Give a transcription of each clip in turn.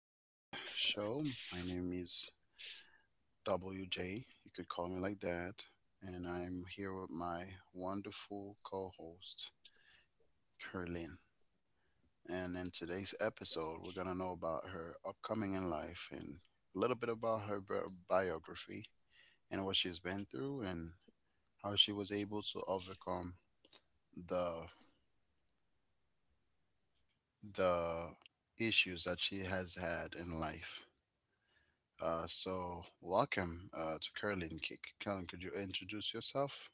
unnamed show. My name is WJ. You could call me like that. And I'm here with my wonderful co host, Curlin. And in today's episode, we're going to know about her upcoming in life and a little bit about her biography and what she's been through and how she was able to overcome the the issues that she has had in life. Welcome to Curling Kick. Curling, could you introduce yourself?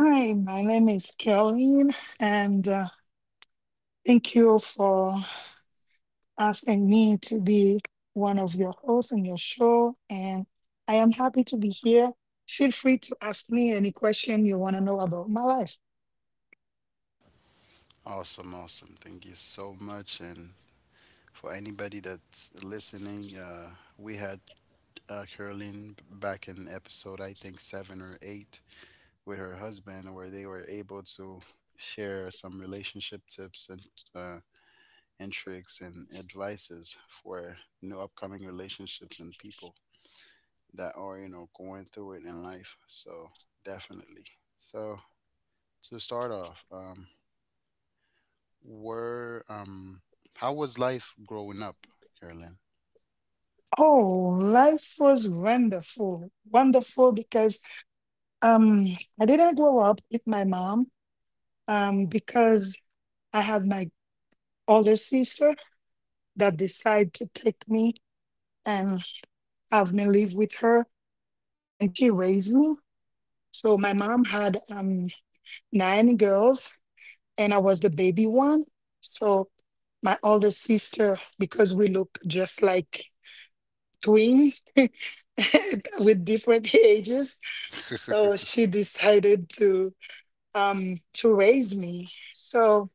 Hi, my name is Caroline, and thank you for asking me to be one of your hosts in your show. And I am happy to be here. Feel free to ask me any question you want to know about my life. Awesome, awesome. Thank you so much. And for anybody that's listening, we had Curlin back in episode, I think, seven or eight with her husband, where they were able to share some relationship tips uh, and tricks and advices for new upcoming relationships and people that are, you know, going through it in life. So, definitely. So, to start off, were how was life growing up, Carolyn? Oh, life was wonderful. Wonderful because um, I didn't grow up with my mom because I had my older sister that decided to take me and have me live with her, and she raised me. So my mom had nine girls, and I was the baby one. So my older sister, because we look just like twins with different ages, so she decided to raise me. So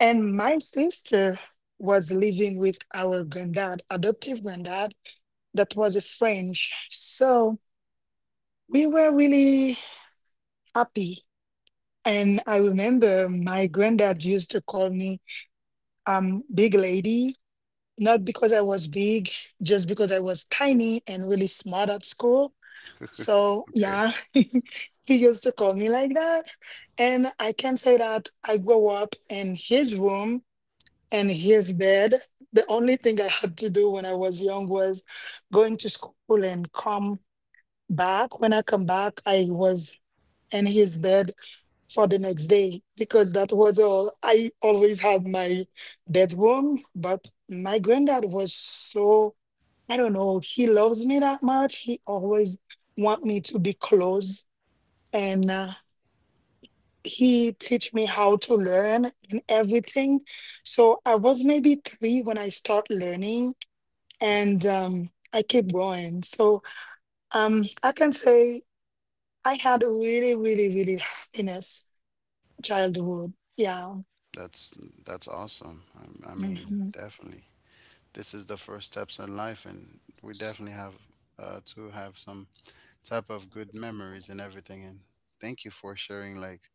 and my sister was living with our granddad, adoptive granddad, that was a French. So we were really happy. And I remember my granddad used to call me big lady, not because I was big, just because I was tiny and really smart at school. Okay, So yeah, he used to call me like that. And I can say that I grew up in his room and his bed. The only thing I had to do when I was young was going to school and come back. When I come back, I was in his bed for the next day because that was all. I always had my bedroom, but my granddad was so, I don't know, he loves me that much. He always want me to be close and he teach me how to learn and everything. So I was maybe three when I start learning okay, and I keep going. So I can say I had a really, really, really happiness childhood. Yeah. that's that's awesome. I mean, Mm-hmm. definitely, this is the first steps in life, and we definitely have to have some type of good memories and everything. And thank you for sharing like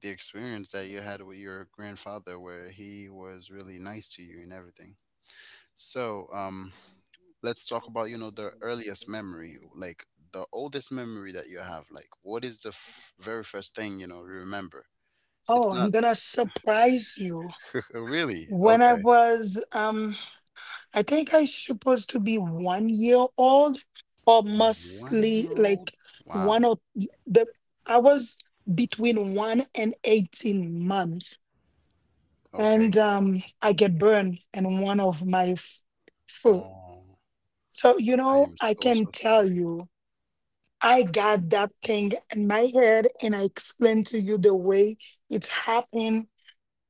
the experience that you had with your grandfather, where he was really nice to you and everything. So, let's talk about, you know, the earliest memory, like the oldest memory that you have. Like, what is the very first thing, you know, you remember? It's Oh, I'm not gonna surprise you. really When I okay. was, I think I supposed to be 1 year old, or One mostly year old? like Wow. one or the. I was between 1 and 18 months, Okay. and I get burned in one of my foot. Oh, So you I know, am I so, can so tell sorry. you, I got that thing in my head, and I explained to you the way it happened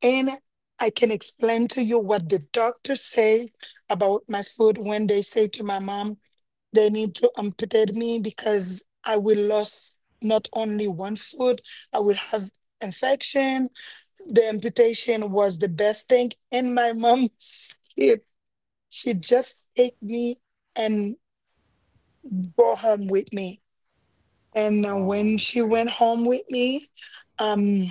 and I can explain to you what the doctors say about my foot when they say to my mom they need to amputate me because I will lose not only 1 foot, I will have infection. The amputation was the best thing, and my mom she just take me and brought home with me. And Oh, when she okay. went home with me, um,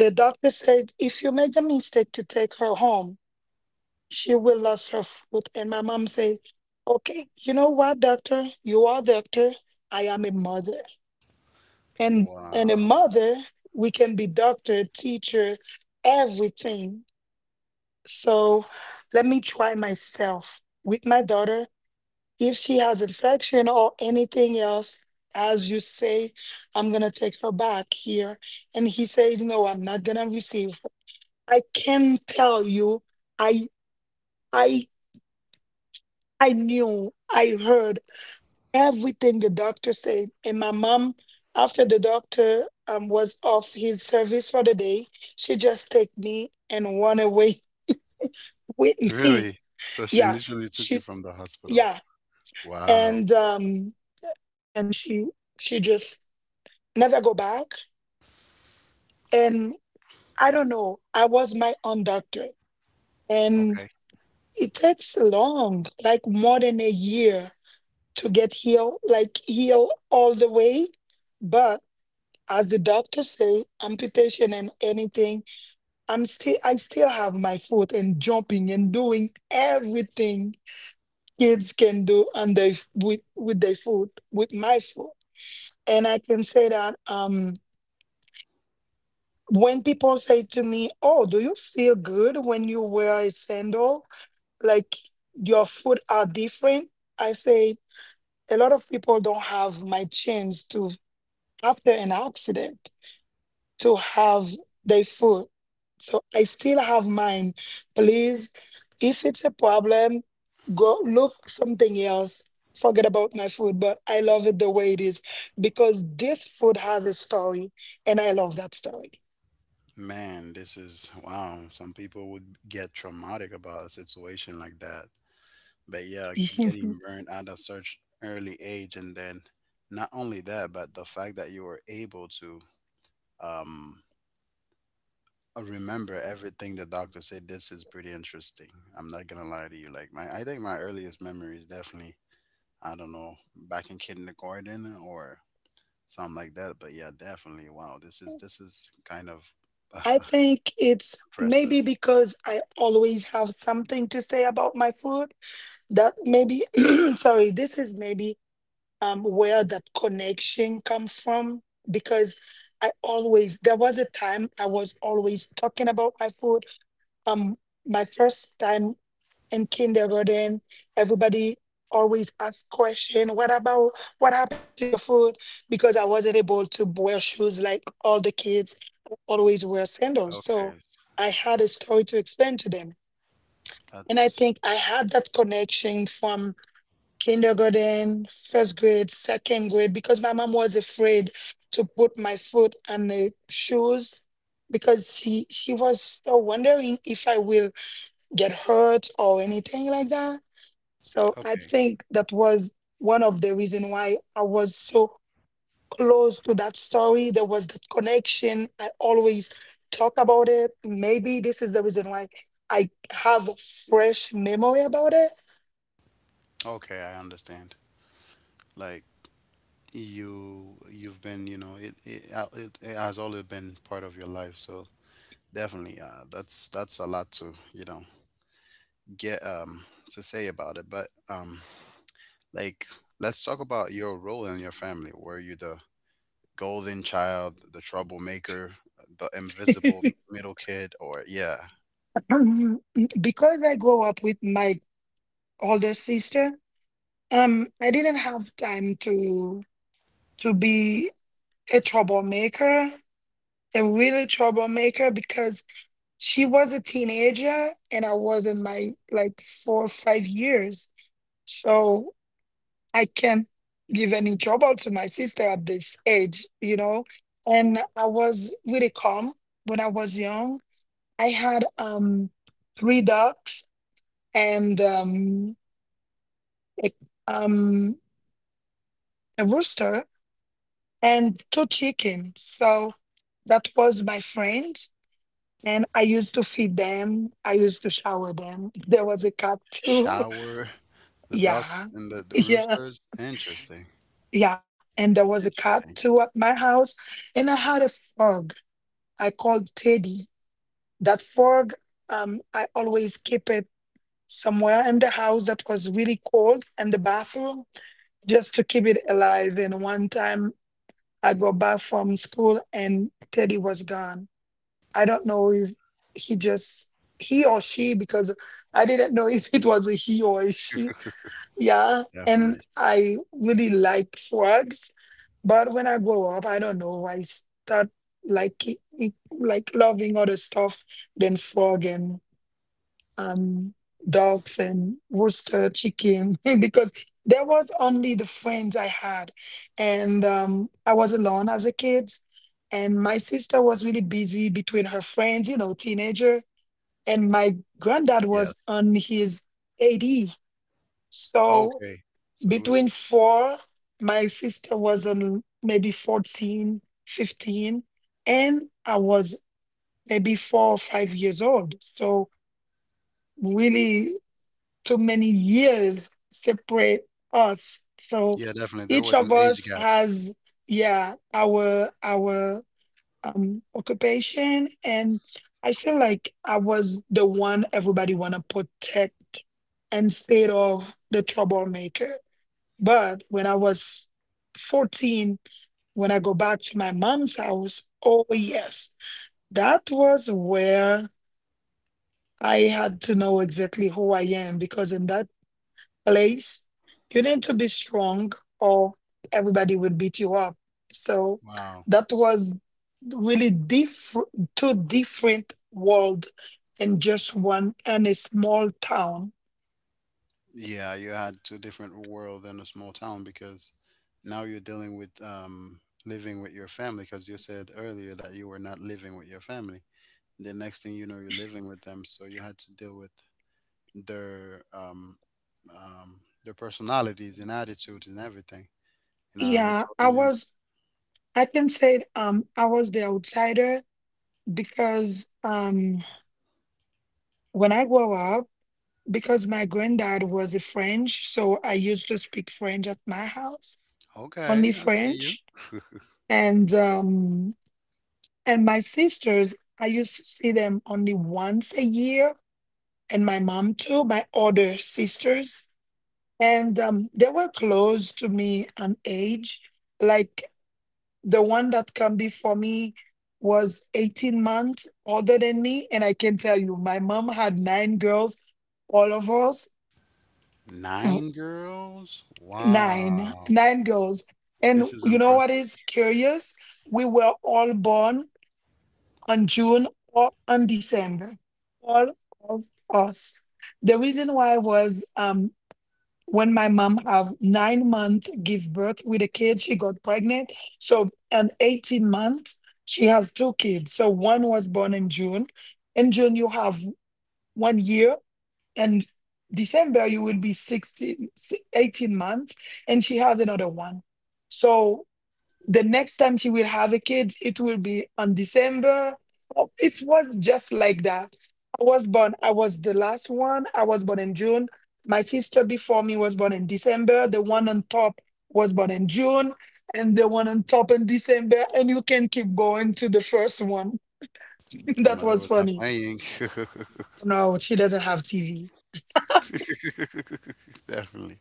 the doctor said, if you make the mistake to take her home, she will lost her foot. And my mom say, okay, you know what, doctor? You are doctor. I am a mother. And a Wow. mother, we can be doctor, teacher, everything. So let me try myself with my daughter. If she has infection or anything else, as you say, I'm gonna take her back here. And he said, no, I'm not gonna receive her. I can tell you, I I I knew, I heard everything the doctor said. And my mom, after the doctor was off his service for the day, she just take me and run away with me. Really? So she Yeah, literally took you she, from the hospital. yeah, Wow. and um, and she just never go back. And I don't know. I was my own doctor, and Okay. it takes long, like more than a year, to get healed, like heal all the way. But as the doctor say, amputation and anything, I still have my foot and jumping and doing everything kids can do and they with their foot, with my foot. And I can say that when people say to me, oh, do you feel good when you wear a sandal? Like your foot are different, I say a lot of people don't have my chance to after an accident to have their food. So I still have mine. Please, if it's a problem, go look something else. Forget about my food, but I love it the way it is because this food has a story and I love that story. Man, this is wow. Some people would get traumatic about a situation like that. But yeah, getting burned out at such early age, and then not only that, but the fact that you were able to um remember everything the doctor said. This is pretty interesting. I'm not gonna lie to you. Like my, I think my earliest memory is definitely I don't know back in kindergarten or something like that. But yeah, definitely. Wow, this is kind of I think it's impressive. maybe because I always have something to say about my food that maybe, sorry, this is maybe where that connection come from because I always there was a time I was always talking about my food. Um, my first time in kindergarten, everybody always asked question, what about what happened to your food? Because I wasn't able to wear shoes like all the kids always wear sandals. So Okay, I had a story to explain to them. And I that's think I had that connection from kindergarten, first grade, second grade, because my mom was afraid to put my foot on the shoes because she was so wondering if I will get hurt or anything like that. So I okay. think that was one of the reason why I was so close to that story. There was that connection. I always talk about it. Maybe this is the reason why I have a fresh memory about Okay, I understand. Like, you've been you know it has always been part of your life, so definitely that's a lot to you know get to say about it, but like, let's talk about your role in your family. Were you the golden child, the troublemaker, the invisible it. middle kid, or yeah? Um, because I grew up with my older sister, I didn't have time to be a troublemaker, a really troublemaker, because she was a teenager and I was in my like 4 or 5 years. So I can't give any trouble to my sister at this age, you know. And I was really calm when I was young. I had three dogs and a, um, a rooster and two chickens. So that was my friend. And I used to feed them. I used to shower them. There was a cat too. Shower the Yeah. ducks and the Yeah. roosters, interesting. Yeah. And there was a cat Interesting. too at my house. And I had a frog I called Teddy. That frog, I always keep it somewhere in the house that was really cold in the bathroom just to keep it alive. And one time I go back from school and Teddy was gone. I don't know if he just he or she because I didn't know if it was a he or a she. Yeah, and Definitely. I really like frogs, but when I grow up, I don't know. I start like like loving other stuff than frog and and dogs and rooster chicken because there was only the friends I had. And I was alone as a kid. And my sister was really busy between her friends, you know, teenager. And my granddad was Yes. on his 80. So Okay, so it was. between four, my sister was on maybe 14, 15, and I was maybe 4 or 5 years old. So really too many years separate us. So Yeah, definitely. There each was an of age us gap. has, yeah, our occupation, and I feel like I was the one everybody wanna protect instead of the troublemaker. But when I was 14, when I go back to my mom's house, oh yes, that was where I had to know exactly who I am because in that place. You need to be strong, or everybody will beat you up. So Wow. that was really two different world in just one and a small town. Yeah, you had two different world in a small town because now you're dealing with living with your family, because you said earlier that you were not living with your family. The next thing you know, you're living with them, so you had to deal with their um, their personalities and attitudes and everything. And I Yeah, I totally understand. was. I can say I was the outsider because when I grew up, because my granddad was a French, so I used to speak French at my house, only Okay, I see you. French, and and my sisters, I used to see them only once a year, and my mom too, my older sisters. And they were close to me on age. Like the one that come before me was 18 months older than me. And I can tell you, my mom had nine girls, all of us, w- Nine girls? nine, Wow. Girls. And This is you know impressive. what is curious? We were all born on June or on December. All of us. The reason why was when my mom have 9 month give birth with a kid, she got pregnant. So and 18-month, she has two kids. So one was born in June. In June, you have 1 year and December, you will be 16, 18 months. And she has another one. So the next time she will have a kid, it will be on December. Oh, it was just like that. I was born, I was the last one. I was born in June. My sister before me was born in December. The one on top was born in June, and the one on top in December. And you can keep going to the first one. Your That mother was was not funny. playing. No, she doesn't have TV. Definitely.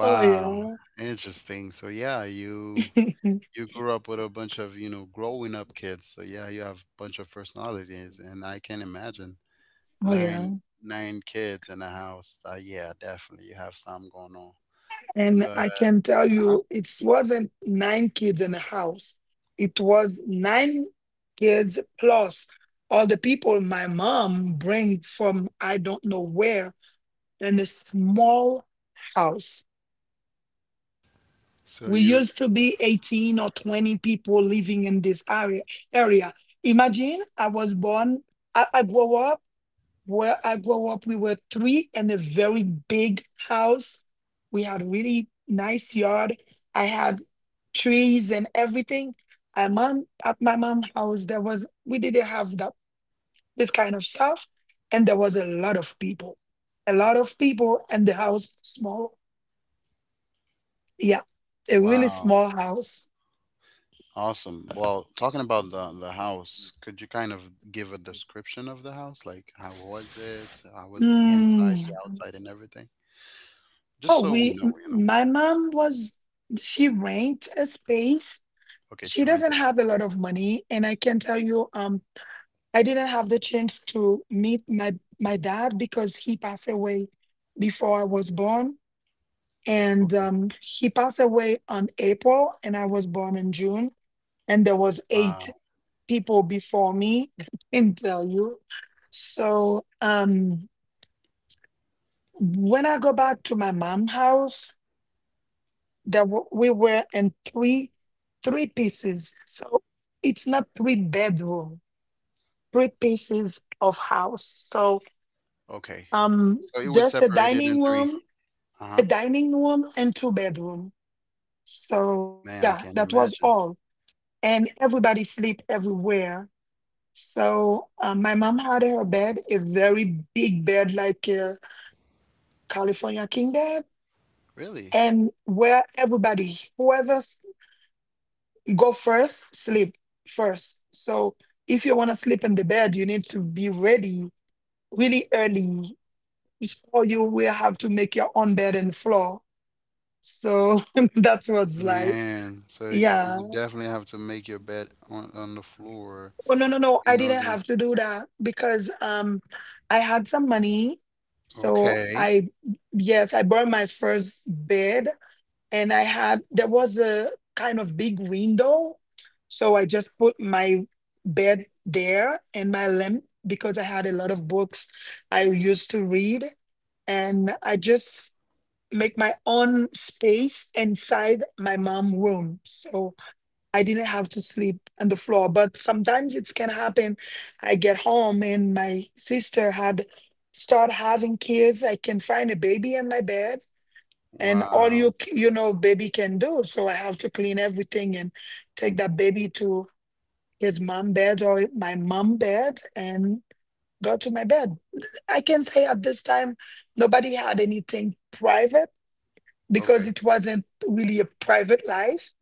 Oh, yeah. Interesting. So yeah, you Oh, you grew up with a bunch of, you know, growing up kids. So yeah, you have a bunch of personalities, and I can imagine yeah. nine nine kids in a house. Yeah, definitely you have some going on. And But I can tell uh you, it wasn't nine kids in a house. It was nine kids plus all the people my mom bring from I don't know where in a small house. so We you used to be 18 or 20 people living in this area. Area. Imagine I was born, I grew up where I grew up, we were three in a very big house. We had a really nice yard. I had trees and everything. My mom at my mom's house, there was we didn't have that this kind of stuff, and there was a lot of people, a lot of people, and the house was small. Yeah, a really wow. small house. Awesome. Well, talking about the house, could you kind of give a description of the house? Like how was it? How was the inside, Hmm. the outside and everything? Oh, Just so we we know, you know. my mom was she rent a space. Okay, She she doesn't rented have a the space. lot of money, and I can tell you, I didn't have the chance to meet my dad because he passed away before I was born, and Okay. He passed away on April, and I was born in June, and there was eight Wow. people before me. I can tell you. So when I go back to my mom house, that we were in three pieces, so it's not three bedroom, three pieces of house. So Okay. um So it was just separated in three. A Uh-huh. dining room and two bedroom. So Man, I yeah, can't that was imagine. all. And everybody sleep everywhere. So my mom had her bed, a very big bed like a California king bed, Really? and where everybody, go first, sleep first. So if you want to sleep in the bed, you need to be ready really early. So you will have to make your own bed and floor. So that's what's life. Man, so Yeah. you would definitely have to make your bed on the floor Oh no no no! I in didn't have order. to do that because I had some money. So Okay. I, yes, I bought my first bed and I had there was a kind of big window, so I just put my bed there and my lamp because I had a lot of books I used to read and I just make my own space inside my mom room, so I didn't have to sleep on the floor. But sometimes it can happen, I get home and my sister had start having kids, I can find a baby in my bed, and all you Wow. You know baby can do, so I have to clean everything and take that baby to his mom bed or my mom bed and go to my bed. I can say at this time nobody had anything private because Okay. it wasn't really a private life.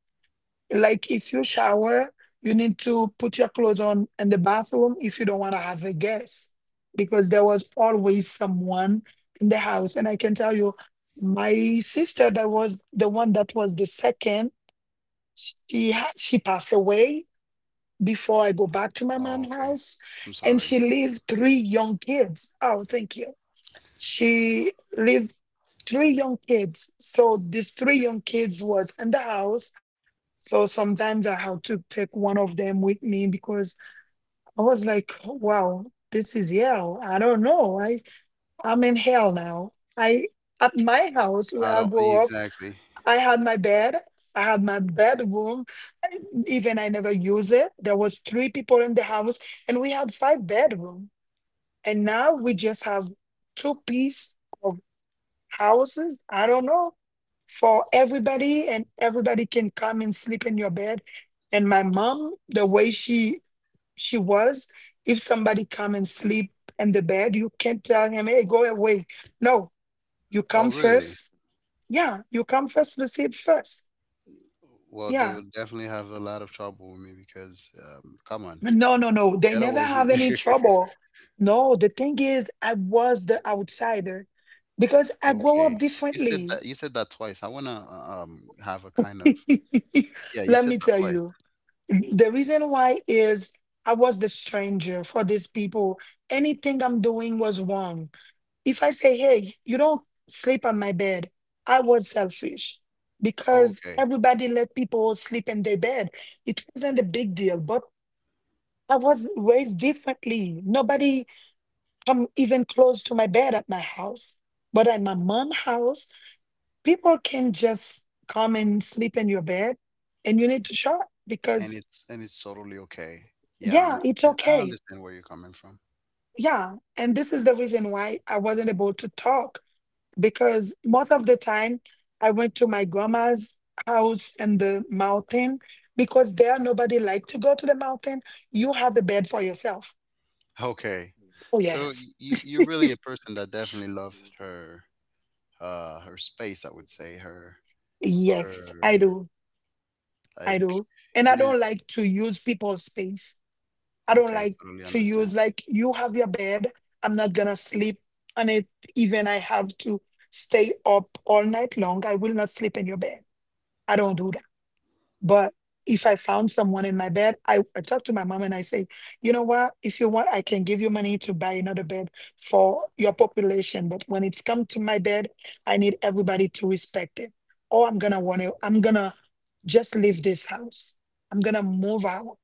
Like if you shower, you need to put your clothes on in the bathroom if you don't want to have a guest, because there was always someone in the house. And I can tell you, my sister that was the one that was the second, she passed away before I go back to my Oh, mom's okay. house, I'm and sorry. she leave three young kids. Oh, thank you. She lived three young kids. So these three young kids was in the house. So sometimes I had to take one of them with me because I was like, wow, this is hell. I don't know. I, I'm in hell now. I, at my house where I I don't grew up, exactly. I had my bed. I had my bedroom. I- Even I never use it. There was three people in the house, and we had five bedroom. And now we just have two-piece houses, I don't know, for everybody and everybody can come and sleep in your bed. And my mom, the way she was, if somebody come and sleep in the bed, you can't tell him, hey, go away. No, you come Oh, really? first. Yeah, you come first, to sleep first. Well, they Yeah. would definitely have a lot of trouble with me because, come on, No, no, no. They get never away have from me. any trouble. No, the thing is, I was the outsider because I grow up Okay. You said differently. that, you said that twice. I wanna have a kind of, yeah, you Let me said that tell twice. you. The reason why is I was the stranger for these people. Anything I'm doing was wrong. If I say, hey, you don't sleep on my bed, I was selfish Oh, because okay. everybody let people sleep in their bed. It wasn't a big deal, but I was raised differently. Nobody come even close to my bed at my house. But at my mom's house, people can just come and sleep in your bed and you need to show up And because it's, and it's totally okay. Yeah, I yeah it's understand. I okay. understand where you're coming from. Yeah, and this is the reason why I wasn't able to talk because most of the time I went to my grandma's house in the mountain because there nobody like to go to the mountain. You have the bed for yourself. Okay. Oh So yes. you you're really a person that definitely loved her her space, I would say. Her Yes, I her do. I do. like, And I you don't didn't, like to use people's space. I don't okay, like totally to understand. use, like, you have your bed. I'm not gonna sleep on it, even I have to stay up all night long. I will not sleep in your bed. I don't do that. But if I found someone in my bed, I talk to my mom and I say, you know what? If you want, I can give you money to buy another bed for your population. But when it's come to my bed, I need everybody to respect it. Or I'm gonna just leave this house. I'm gonna move out.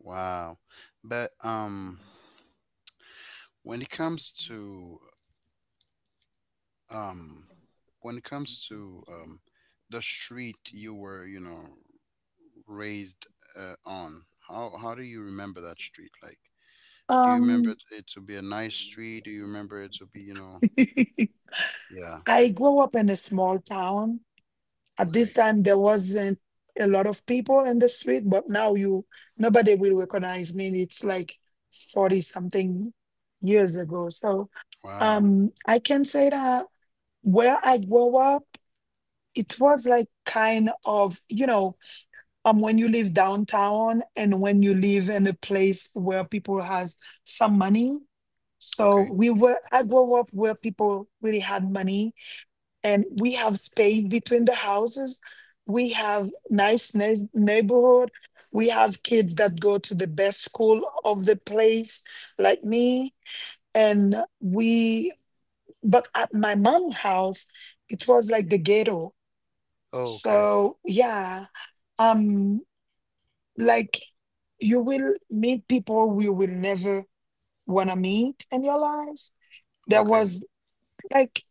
Wow. But when it comes to um when it comes to the street you were you know raised on, how do you remember that street? Like, do you remember Um, it it to be a nice street? Do you remember it to be, you know? Yeah. I grew up in a small town. At this Okay. time, there wasn't a lot of people in the street, but now you, nobody will recognize me. It's like 40 something years ago. So Wow. um, I can say that where I grew up, it was like kind of, you know, when you live downtown and when you live in a place where people has some money. So Okay. we were, I grew up where people really had money and we have space between the houses. We have nice neighborhood. We have kids that go to the best school of the place, like me. And we, but at my mom's house, it was like the ghetto. Oh, okay. So yeah, um, like, you will meet people you will never wanna meet in your life. There Okay. was, like,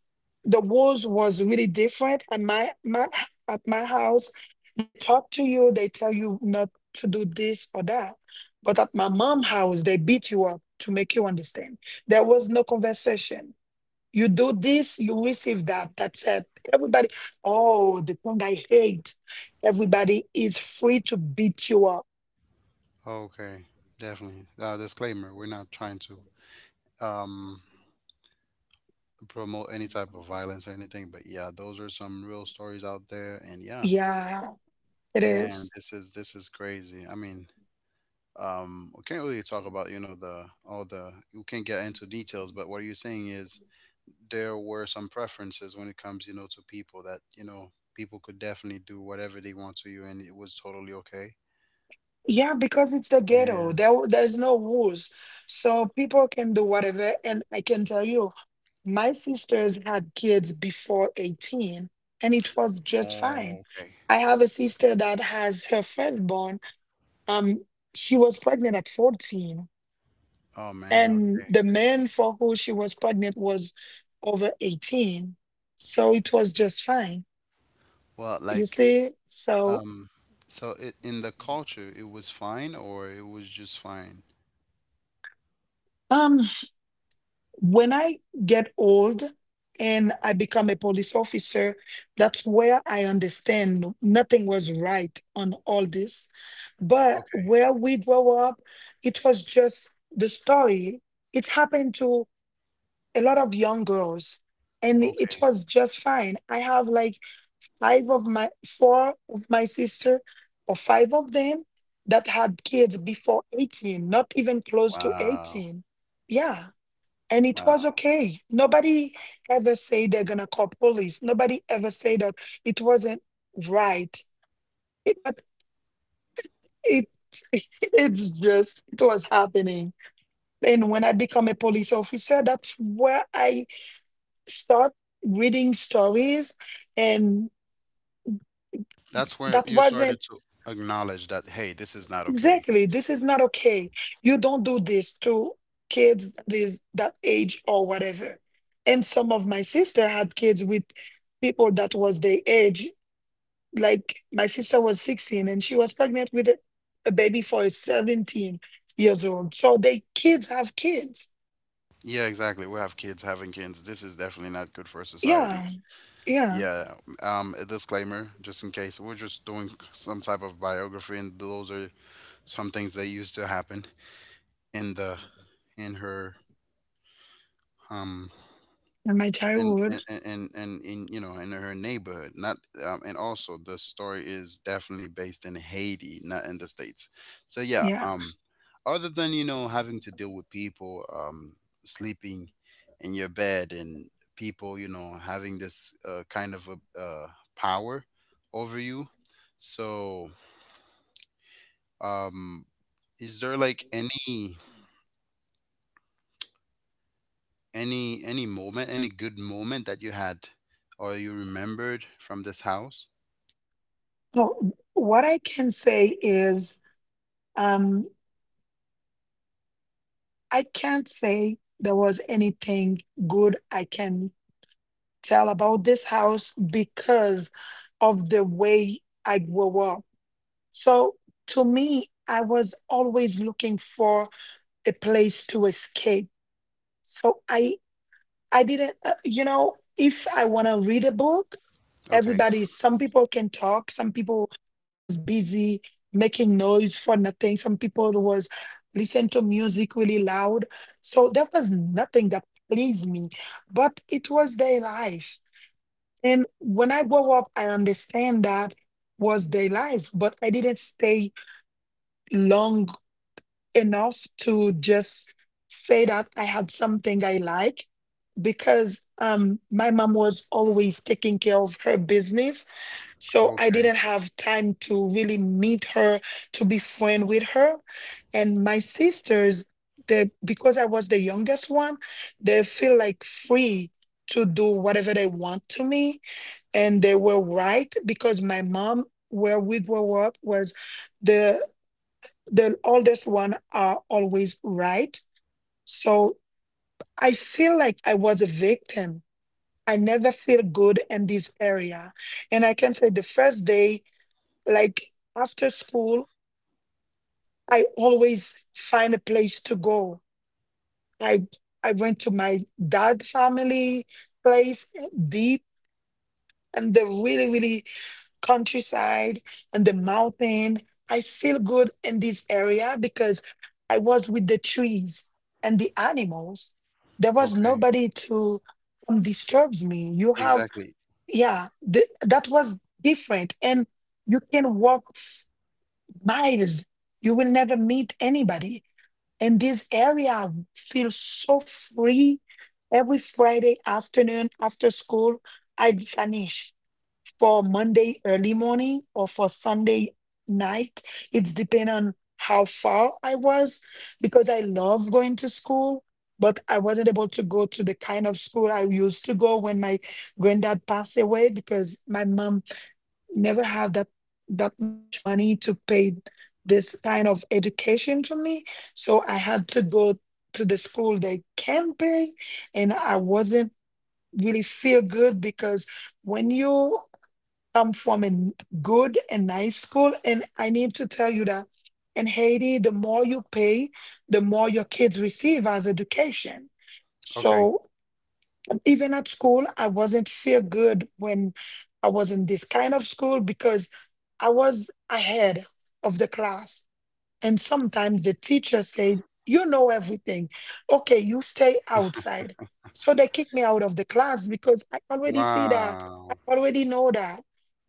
the rules was really different at my at my house they talk to you, they tell you not to do this or that, but at my mom's house they beat you up to make you understand. There was no conversation, you do this you receive that, that's it. Everybody, oh the thing I hate, everybody is free to beat you up. Okay. Definitely, disclaimer, we're not trying to um promote any type of violence or anything, but yeah, those are some real stories out there, and yeah. Yeah it Man, is. This is crazy. I mean, we can't really talk about, you know, the all the, we can't get into details, but what you're saying is there were some preferences when it comes, you know, to people that, you know, people could definitely do whatever they want to you, and it was totally okay. Yeah because it's the ghetto Man. there, there's no rules, so people can do whatever and I can tell you, my sisters had kids before 18 and it was just fine. Oh, okay. I have a sister that has her firstborn. Um, she was pregnant at 14, Oh, man. and Okay. the man for who she was pregnant was over 18. So it was just fine. Well, You like, see? Um so it, in the culture it was fine, or it was just fine? um. When I get old and I become a police officer, that's where I understand nothing was right on all this. But Okay. where we grow up, it was just the story. It happened to a lot of young girls, and it Okay. was just fine. I have like five of my four of my sister or five of them that had kids before 18, not even close to Wow. 18. Yeah, and it was Wow. okay. Nobody ever say they're gonna call police. Nobody ever say that it wasn't right. It, but it it's just it was happening. And when I become a police officer, that's where I start reading stories, and That's where that you started wasn't to acknowledge that, hey, this is not okay. exactly. This is not okay. You don't do this to kids that is that age or whatever. And some of my sister had kids with people that was their age, like my sister was 16 and she was pregnant with a baby for 17 years old, so they kids have kids. Yeah, exactly. We have kids having kids. This is definitely not good for society. Yeah. Yeah, Yeah, a disclaimer, just in case. We're just doing some type of biography, and those are some things that used to happen in the in her um in my childhood. And in, you know, in her neighborhood, not and also the story is definitely based in haiti, not in the states. So yeah, Yeah. Other than, you know, having to deal with people sleeping in your bed and people, you know, having this kind of a power over you, so um is there like any moment, any good moment that you had or you remembered from this house? So what I can say is, um I can't say there was anything good I can tell about this house because of the way I grew up. So to me, I was always looking for a place to escape. So I didn't you know, if I want to read a book, Okay. everybody, some people can talk, some people was busy making noise for nothing, some people was listen to music really loud. So there was nothing that pleased me, but it was their life. And when I grow up, I understand that was their life, but I didn't stay long enough to just say that I had something I like because my mom was always taking care of her business, so I Okay, didn't have time to really meet her, to be friend with her. And my sisters, they, because I was the youngest one, they feel like free to do whatever they want to me, and they were right because my mom where we grew up was the the oldest one are always right. So I feel like I was a victim. I never feel good in this area. And I can say the first day, like after school, I always find a place to go. I I went to my dad family place deep in the really, really countryside and the mountain. I feel good in this area because I was with the trees and the animals. There was okay, nobody to disturb me. You have exactly. Yeah, that was different, and you can walk miles. You will never meet anybody in this area. I feel so free. Every Friday afternoon after school, I vanish for Monday early morning or for Sunday night. It's depend on how far I was because I love going to school, but I wasn't able to go to the kind of school I used to go when my granddad passed away because my mom never have that much money to pay this kind of education for me, so I had to go to the school they can pay, and I wasn't really feel good because when you come from a good and nice school. And I need to tell you that in Haiti, the more you pay, the more your kids receive as education. Okay. So even at school, I wasn't feel good when I was in this kind of school because I was ahead of the class, and sometimes the teacher said, "You know everything, okay, you stay outside." So they kicked me out of the class because I already see that, I Wow. already know that.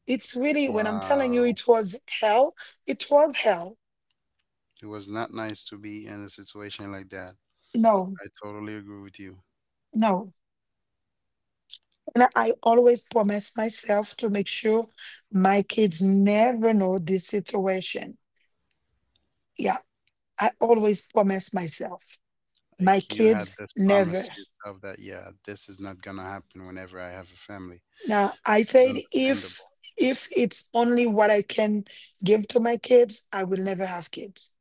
It's really, when I'm telling you, Wow. it was hell. It was hell. It was not nice to be in a situation like that. No. I totally agree with you. No. And I always promise myself to make sure my kids never know this situation. Yeah, I always promise myself my Like, you had kids this never. promise to yourself that yeah, this is not gonna happen whenever I have a family, Now I which is said, if understandable. It's only what I can give to my kids, I will never have kids.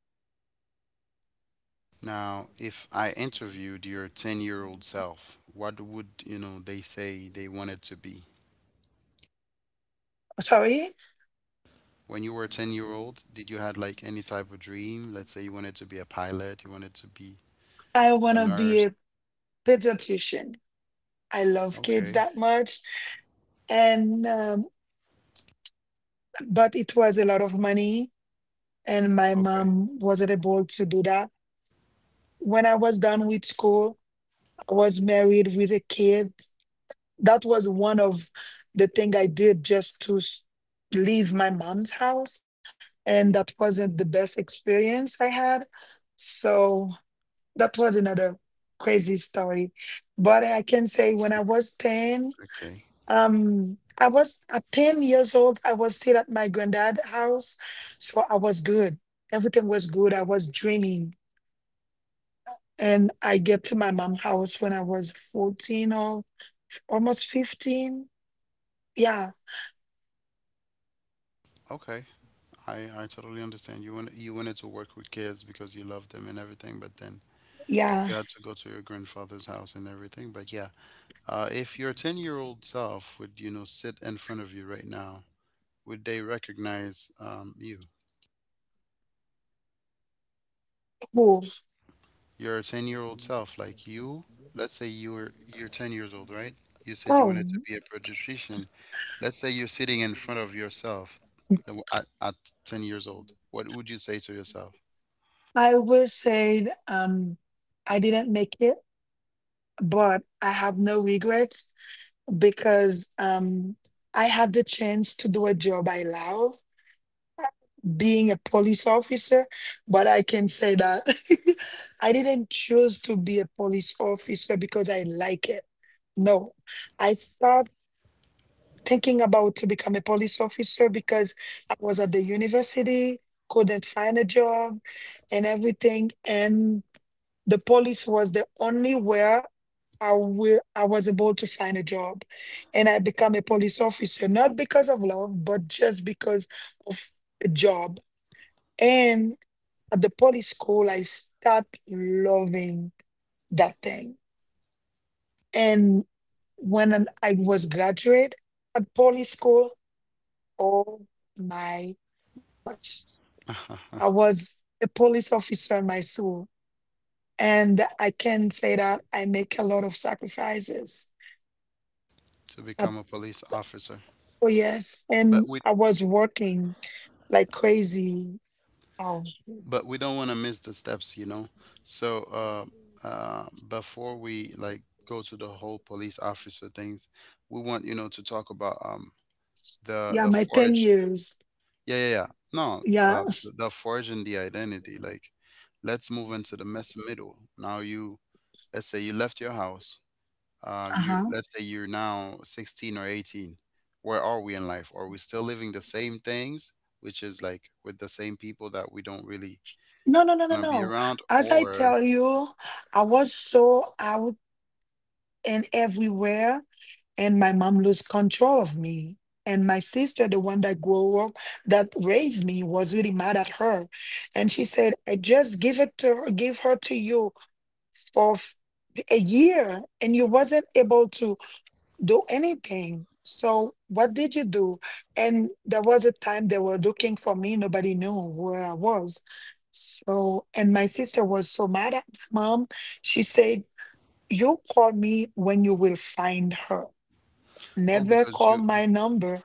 Now, if I interviewed your 10-year-old self, what would, you know, they say they wanted to be? Sorry, When you were 10-year-old, did you had like any type of dream? Let's say you wanted to be a pilot, you wanted to be I want a to be nurse. a pediatrician. I love kids Okay. that much, and but it was a lot of money, and my Okay. mom wasn't able to do that. When I was done with school, I was married with a kid. That was one of the thing I did just to leave my mom's house, and that wasn't the best experience I had. So that was another crazy story. But I can say when I was 10, Okay. I was at 10 years old, I was still at my granddad's house. So I was good. Everything was good. I was dreaming. And I get to my mom's house when I was 14 or almost 15. Yeah, Okay. I totally understand. You want, you wanted to work with kids because you love them and everything, but then yeah. you had to go to your grandfather's house and everything. But yeah, if your 10-year-old self would, you know, sit in front of you right now, would they recognize you? Cool. Your 10-year-old self, like you, let's say you were you're 10 years old, right? You said you Oh, wanted to be a pediatrician. Let's say you're sitting in front of yourself at 10 years old. What would you say to yourself? I will say, I didn't make it, but I have no regrets because I had the chance to do a job I love, being a police officer. But I can say that I didn't choose to be a police officer because I like it. No, I started thinking about to become a police officer because I was at the university, couldn't find a job and everything. And the police was the only where I was able to find a job. And I become a police officer, not because of love, but just because of a job. And at the police school, I start loving that thing. And when I was graduate at police school. Oh my gosh. I was a police officer in my school, and I can say that I make a lot of sacrifices. To Uh, become a police officer. Oh, yes. But And we I was working like crazy. Oh, but we don't want to miss the steps, you know. So before we like go to the whole police officer things, we want, you know, to talk about yeah, the my 10 forge. years. Yeah, yeah, yeah. No, Yeah. The forge and the identity. Like, let's move into the mess middle. Now you, let's say you left your house. Uh, you, Uh-huh. let's say you're now 16 or 18. Where are we in life? Are we still living the same things, which is like with the same people that we don't really No, no, no, no, want to be no. around, As I or? tell you, I was so out and everywhere. And my mom lose control of me, and my sister, the one that grew up, that raised me, was really mad at her. And she said, "I just give it to her. Give her to you for a year, and you wasn't able to do anything, so what did you do?" And there was a time they were looking for me, nobody knew where I was. So, and my sister was so mad at my mom, she said, "You call me when you will find her. Oh, Never because you, call you my number."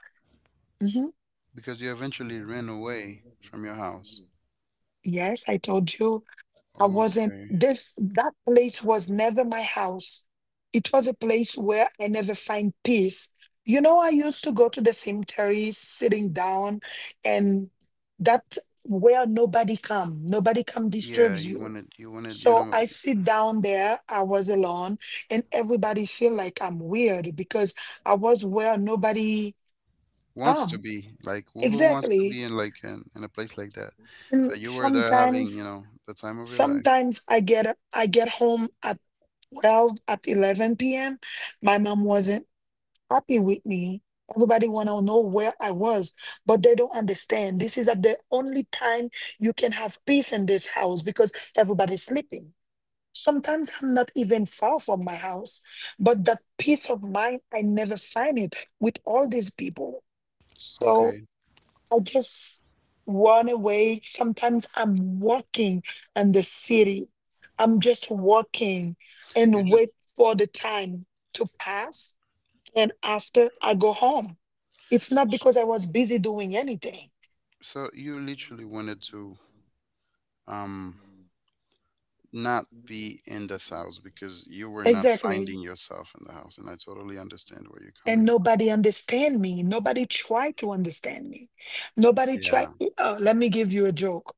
Hmm. because you eventually ran away from your house. Yes, I told you, I wasn't Okay. this, that place was never my house. It was a place where I never find peace. You know, I used to go to the cemetery, sitting down, and that where nobody come Yeah, disturbs you you. wanted, you wanted, you So know. I sit down there, I was alone, and everybody feel like I'm weird because I was where nobody Wants to come. be like, who wants to Exactly. be in like in a place like that? And But you were there having, you know, the time of your life. sometimes I get home at 12, at 11 p.m. My mom wasn't happy with me. Everybody want to know where I was, but they don't understand. This is at the only time you can have peace in this house because everybody's sleeping. Sometimes I'm not even far from my house, but that peace of mind, I never find it with all these people. So Okay. I just run away. Sometimes I'm walking in the city. I'm just walking You and just, wait for the time to pass. And after I go home, it's not because I was busy doing anything. so you literally wanted to um not be in this house because you were not Exactly. finding yourself in the house. And I totally understand where you're And coming nobody understand me. Nobody try to understand me. Nobody from. try. Yeah. Let me give you a joke.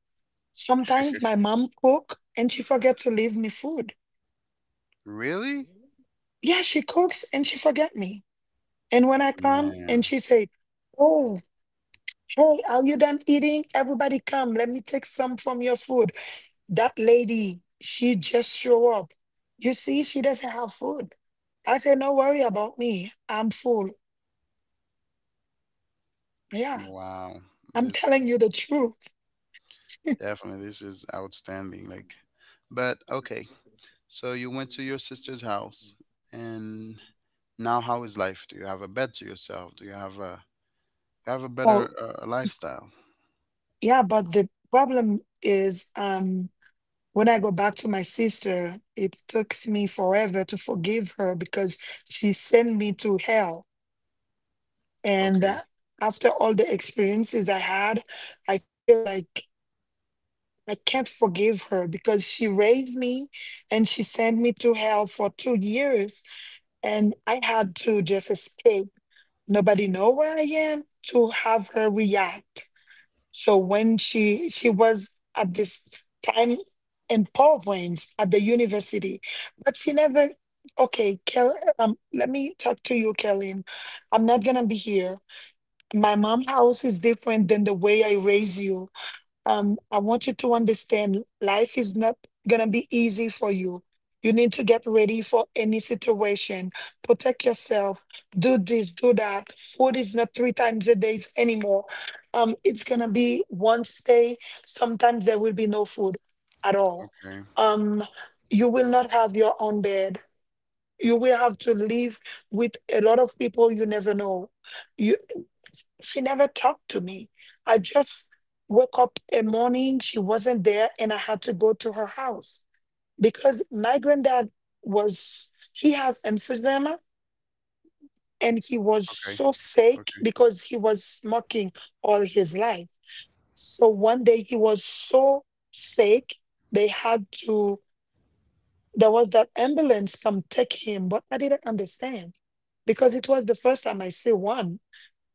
Sometimes my mom cook and she forget to leave me food. Really? Yeah, she cooks and she forget me. And when I come and Man. she said, "Oh, hey, are you done eating? Everybody come. Let me take some from your food." That lady, she just show up. You see, she doesn't have food. I said, "No, worry about me. I'm full." Yeah, Wow. I'm This telling is you the truth. definitely, this is outstanding. Like, but okay. So you went to your sister's house, and now how is life? Do you have a bed to yourself? Do you have a, you have a Oh, better lifestyle? yeah, but the problem is, when I go back to my sister, it took me forever to forgive her because she sent me to hell. And Okay. After all the experiences I had, I feel like I can't forgive her because she raised me and she sent me to hell for 2 years. And I had to just escape. Nobody know where I am to have her react. So when she was at this time in PowerPoints at the university, but she never. Okay, Kel, let me talk to you, Kellyn. I'm not gonna be here. My mom house is different than the way I raise you. I want you to understand life is not gonna be easy for you. You need to get ready for any situation. Protect yourself. Do this, do that. Food is not 3 times a day anymore. It's gonna be once day. Sometimes there will be no food at all. Okay. Um, you will not have your own bed. You will have to live with a lot of people you never know. You. She never talked to me. I just woke up a morning, she wasn't there, and I had to go to her house because my granddad was, he has emphysema and he was Okay. so sick Okay. because he was smoking all his life. So one day he was so sick, they had to, there was that ambulance come take him, but I didn't understand because it was the first time I see one.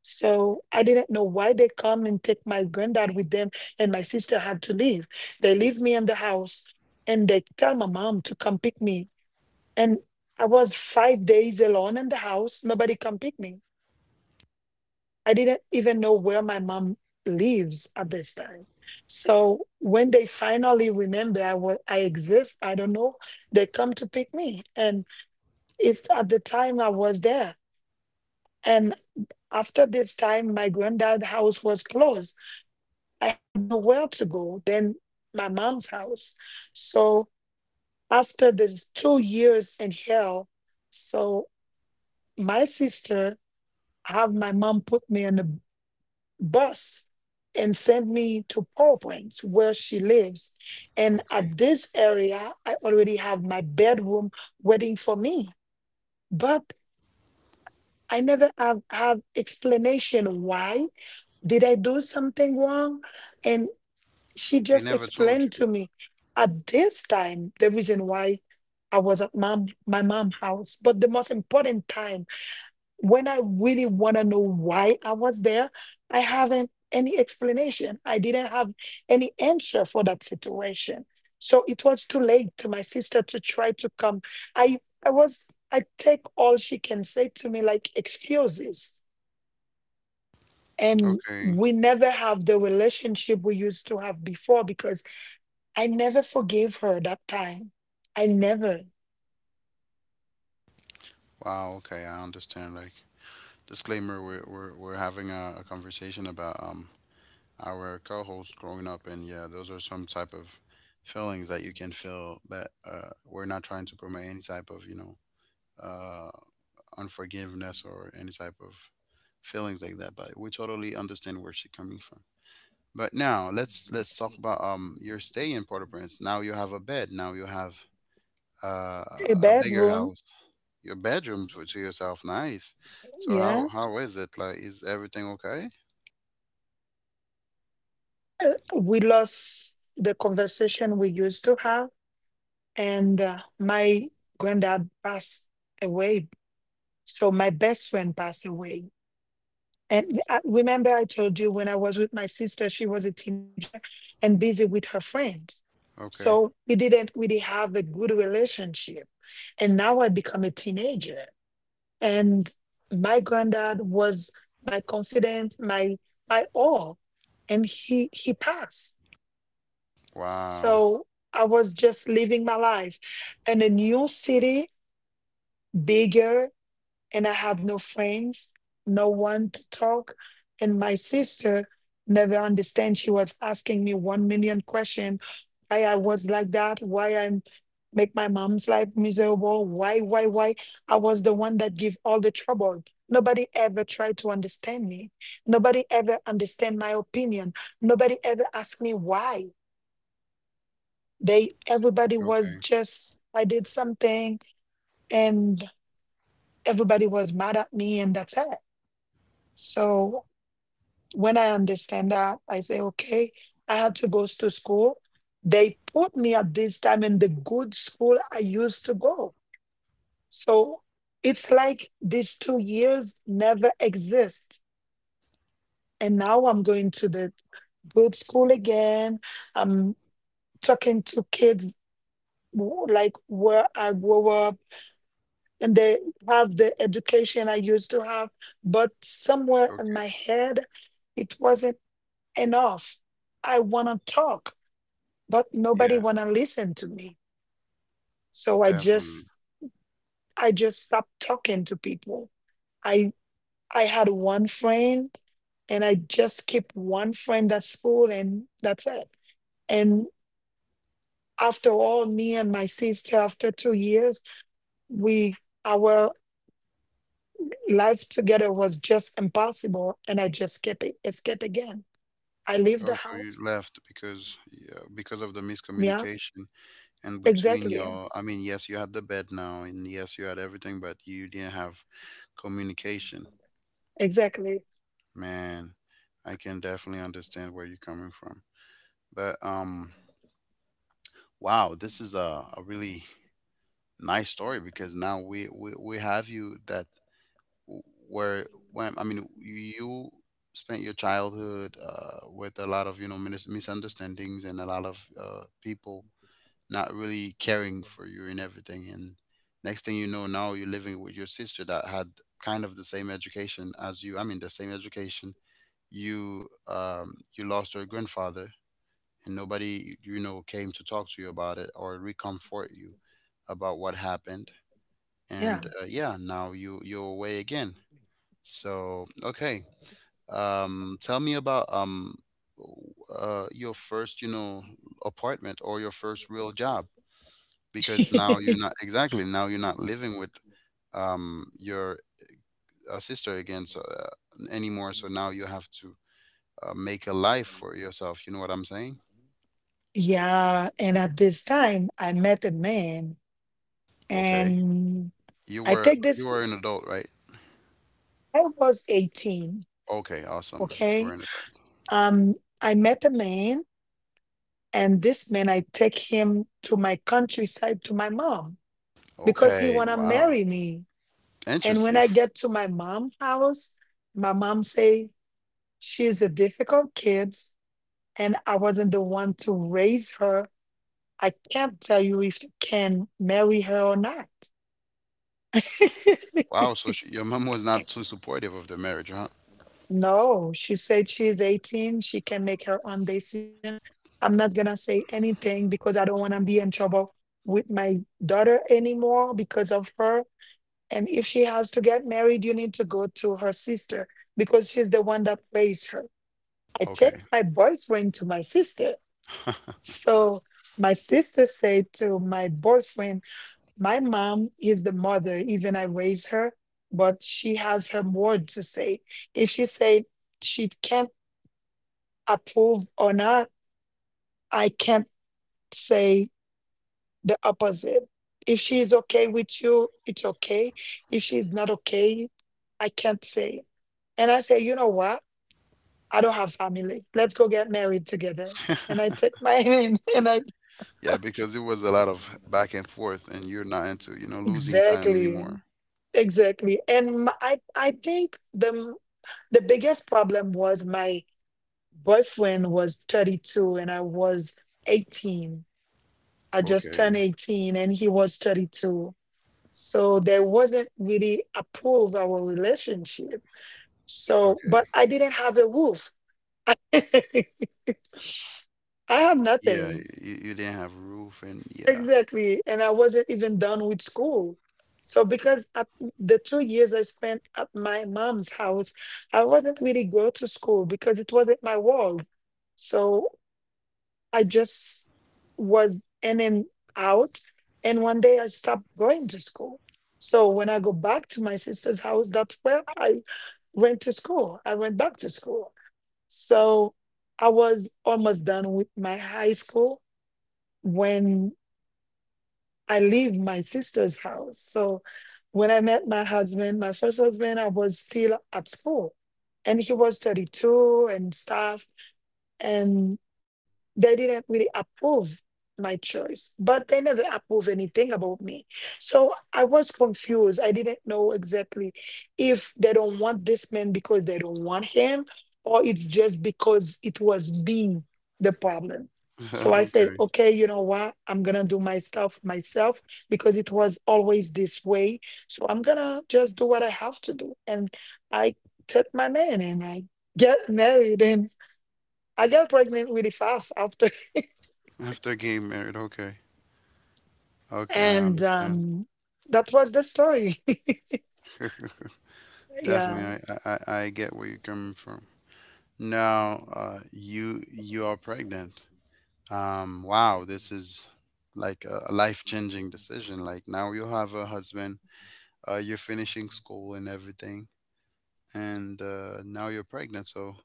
So I didn't know why they come and take my granddad with them, and my sister had to leave. They leave me in the house, and they tell my mom to come pick me. And I was 5 days alone in the house. Nobody come pick me. I didn't even know where my mom lives at this time. So when they finally remember I exist, I don't know, they come to pick me. And it's at the time I was there. And after this time, my granddad's house was closed. I had nowhere to go than my mom's house. So after this 2 years in hell, so my sister have my mom put me in a bus and sent me to Paw Plains where she lives. And Okay. at this area, I already have my bedroom waiting for me. But I never have, explanation. Why did I do something wrong? And. She They just never told explained you. to me at this time the reason why I was at mom my mom's house. But the most important time when I really want to know why I was there, I haven't any explanation. I didn't have any answer for that situation. So it was too late to my sister to try to come. I take all she can say to me like excuses. And Okay. we never have the relationship we used to have before because I never forgave her that time. I never. Wow, okay, I understand. Like, disclaimer, we're having a conversation about our co-host growing up, and yeah, those are some type of feelings that you can feel. But we're not trying to promote any type of, you know, uh, unforgiveness or any type of feelings like that, but we totally understand where she's coming from. But now let's talk about your stay in Port-au-Prince. Now you have a bed, now you have uh, A a bigger bedroom, house. Your bedroom to yourself, nice. So yeah. how is it? Like, is everything okay? We lost the conversation we used to have, and my granddad passed away. So my best friend passed away. And I, remember, I told you when I was with my sister, she was a teenager and busy with her friends. Okay. So we didn't really have a good relationship. And now I become a teenager. And my granddad was my confidant, my all, and he passed. Wow. So I was just living my life in a new city, bigger, and I had no friends, no one to talk. And my sister never understand. She was asking me 1 million question. Why I was like that, why I make my mom's life miserable, why, why? I was the one that give all the trouble. Nobody ever tried to understand me. Nobody ever understand my opinion. Nobody ever asked me why. They Everybody Okay. was just I did something, and everybody was mad at me, and that's it. So, when I understand that, I say, okay, I had to go to school. They put me at this time in the good school I used to go. So it's like these 2 years never exist. And now I'm going to the good school again. I'm talking to kids like where I grew up, and they have the education I used to have. But somewhere in Okay. my head, it wasn't enough. I want to talk, but Yeah. nobody want to listen to me. so i Definitely. just i just stopped talking to people. I i had one friend, and I just kept one friend at school, and that's it. And after all, me and my sister, after 2 years, we our life together was just impossible, and I just kept it escape again. I leave the Also, you house. left because, yeah, because of the Yeah. miscommunication and between Exactly, your. I mean, yes, you had the bed now, and yes, you had everything, but you didn't have communication. exactly. Man, I can definitely understand where you're coming from. But wow, this is a really nice story, because now we have you that w- where, when I mean you spent your childhood with a lot of, you know, misunderstandings and a lot of people not really caring for you and everything. And next thing you know, now you're living with your sister that had kind of the same education as you. I mean, the same education. You you lost your grandfather and nobody, you know, came to talk to you about it or reconfort you about what happened. Yeah. And yeah, now you you're away again. So, okay. Tell me about w- your first, you know, apartment or your first real job, because now you're not exactly, now you're not living with your sister again, so anymore. So now you have to make a life for yourself, you know what I'm saying. Yeah, and at this time, I met a man, Okay, and you I were take you this, were an adult, right? I was 18, Okay, awesome, you were okay? an adult. Um, I met a man, and this man, I take him to my countryside to my mom because he Okay. wanna Wow. marry me. And when Interesting. I get to my mom house, my mom say, she's a difficult kid, and I wasn't the one to raise her. I can't tell you if you can marry her or not. Wow, so she, your mom was not too supportive of the marriage, huh? No, she said, she is 18. She can make her own decision. I'm not gonna say anything because I don't wanna be in trouble with my daughter anymore because of her. And if she has to get married, you need to go to her sister because she's the one that raised her. I take Okay. my boyfriend to my sister. So my sister said to my boyfriend, my mom is the mother, even I raised her, but she has her word to say. If she said she can't approve or not, I can't say the opposite. If she is okay with you, it's okay. If she's not okay, I can't say. And I say, you know what? I don't have family. Let's go get married together. And I take my hand and I Yeah, because it was a lot of back and forth, and you're not into, you know, losing time exactly, anymore. exactly. And my, I think the biggest problem was my boyfriend was 32 and I was 18. I just Okay, turned 18 and he was 32. So there wasn't really a pull of our relationship. So, okay. but I didn't have a roof. I had Yeah, nothing. you didn't have roof, and yeah. Exactly. And I wasn't even done with school. So, because at the 2 years I spent at my mom's house, I wasn't really go to school because it wasn't my world. So I just was in and out. And one day I stopped going to school. So when I go back to my sister's house, that's where I went to school. I went back to school. So I was almost done with my high school when I leave my sister's house. So when I met my husband, my first husband, I was still at school, and he was 32 and stuff. And they didn't really approve my choice, but they never approve anything about me. So I was confused. I didn't know exactly if they don't want this man because they don't want him, or it's just because it was me the problem. So I said, Okay. okay, you know what? I'm gonna do my stuff myself because it was always this way. So I'm gonna just do what I have to do. And I took my man and I get married and. I got pregnant really fast after. After getting married, okay. Okay, I and understand. um, that was the story. Yeah, Definitely, I, I get where you're coming from. Now, you you are pregnant. Wow, this is like a life-changing decision. Like, now you have a husband, you're finishing school and everything, and now you're pregnant. So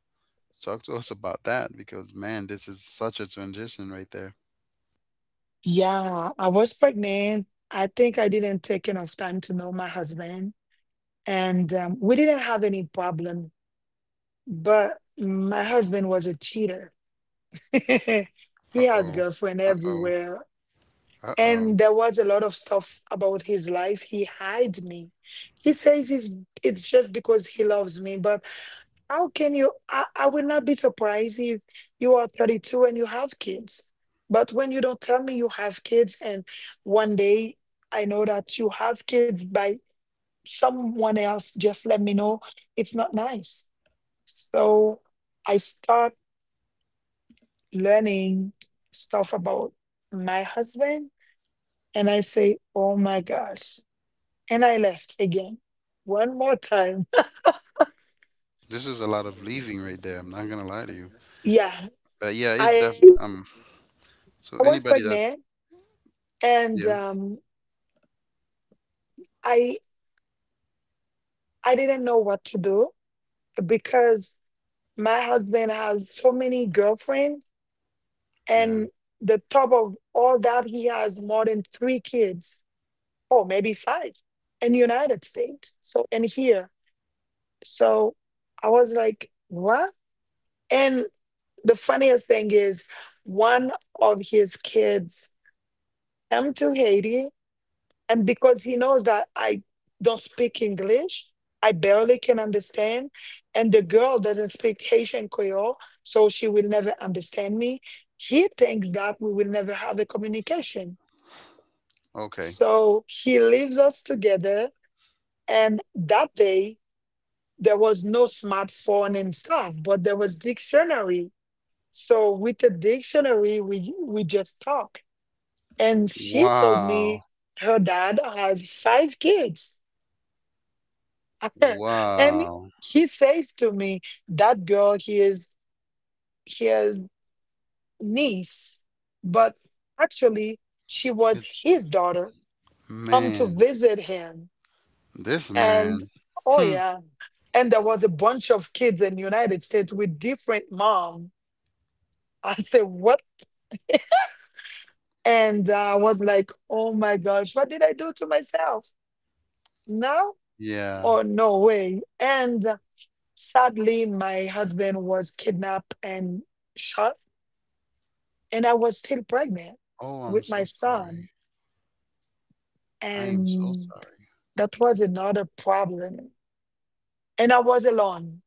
talk to us about that, because man, this is such a transition right there. yeah, I was pregnant. I think I didn't take enough time to know my husband, and we didn't have any problem. But my husband was a cheater. Uh He has oh, girlfriend uh oh, everywhere. uh oh. And there was a lot of stuff about his life. He hides me. He says he's, it's just because he loves me, but how can you? I will not be surprised if you are 32 and you have kids. But when you don't tell me you have kids, and one day I know that you have kids by someone else, just let me know. It's not nice. So I start learning stuff about my husband, and I say, oh my gosh. And I left again. One more time. This is a lot of leaving right there. I'm not gonna lie to you, Yeah, but yeah, it's I definitely. I So was anybody that's pregnant, and yeah, I I didn't know what to do because my husband has so many girlfriends, yeah, and the top of all that, he has more than three kids, or maybe five, in the United States. So, and here. So I was like, what? And the funniest thing is, one of his kids came to Haiti, and because he knows that I don't speak English, I barely can understand, and the girl doesn't speak Haitian Creole, so she will never understand me. He thinks that we will never have a communication. okay. So he leaves us together, and that day there was no smartphone and stuff, but there was dictionary. So with the dictionary, we just talk. And she told Wow, me her dad has five kids. And wow. he says to me, that girl, he is his niece, but actually, she was It's his daughter come to man, visit him. this man. And oh, Hmm. yeah. And there was a bunch of kids in United States with different mom. I said, what? And I was like, oh my gosh, what did I do to myself? Now? Yeah. Oh, no way. And sadly, my husband was kidnapped and shot, and I was still pregnant Oh, I'm with my so sorry. son, I am so and sorry. that was another problem. And I was alone.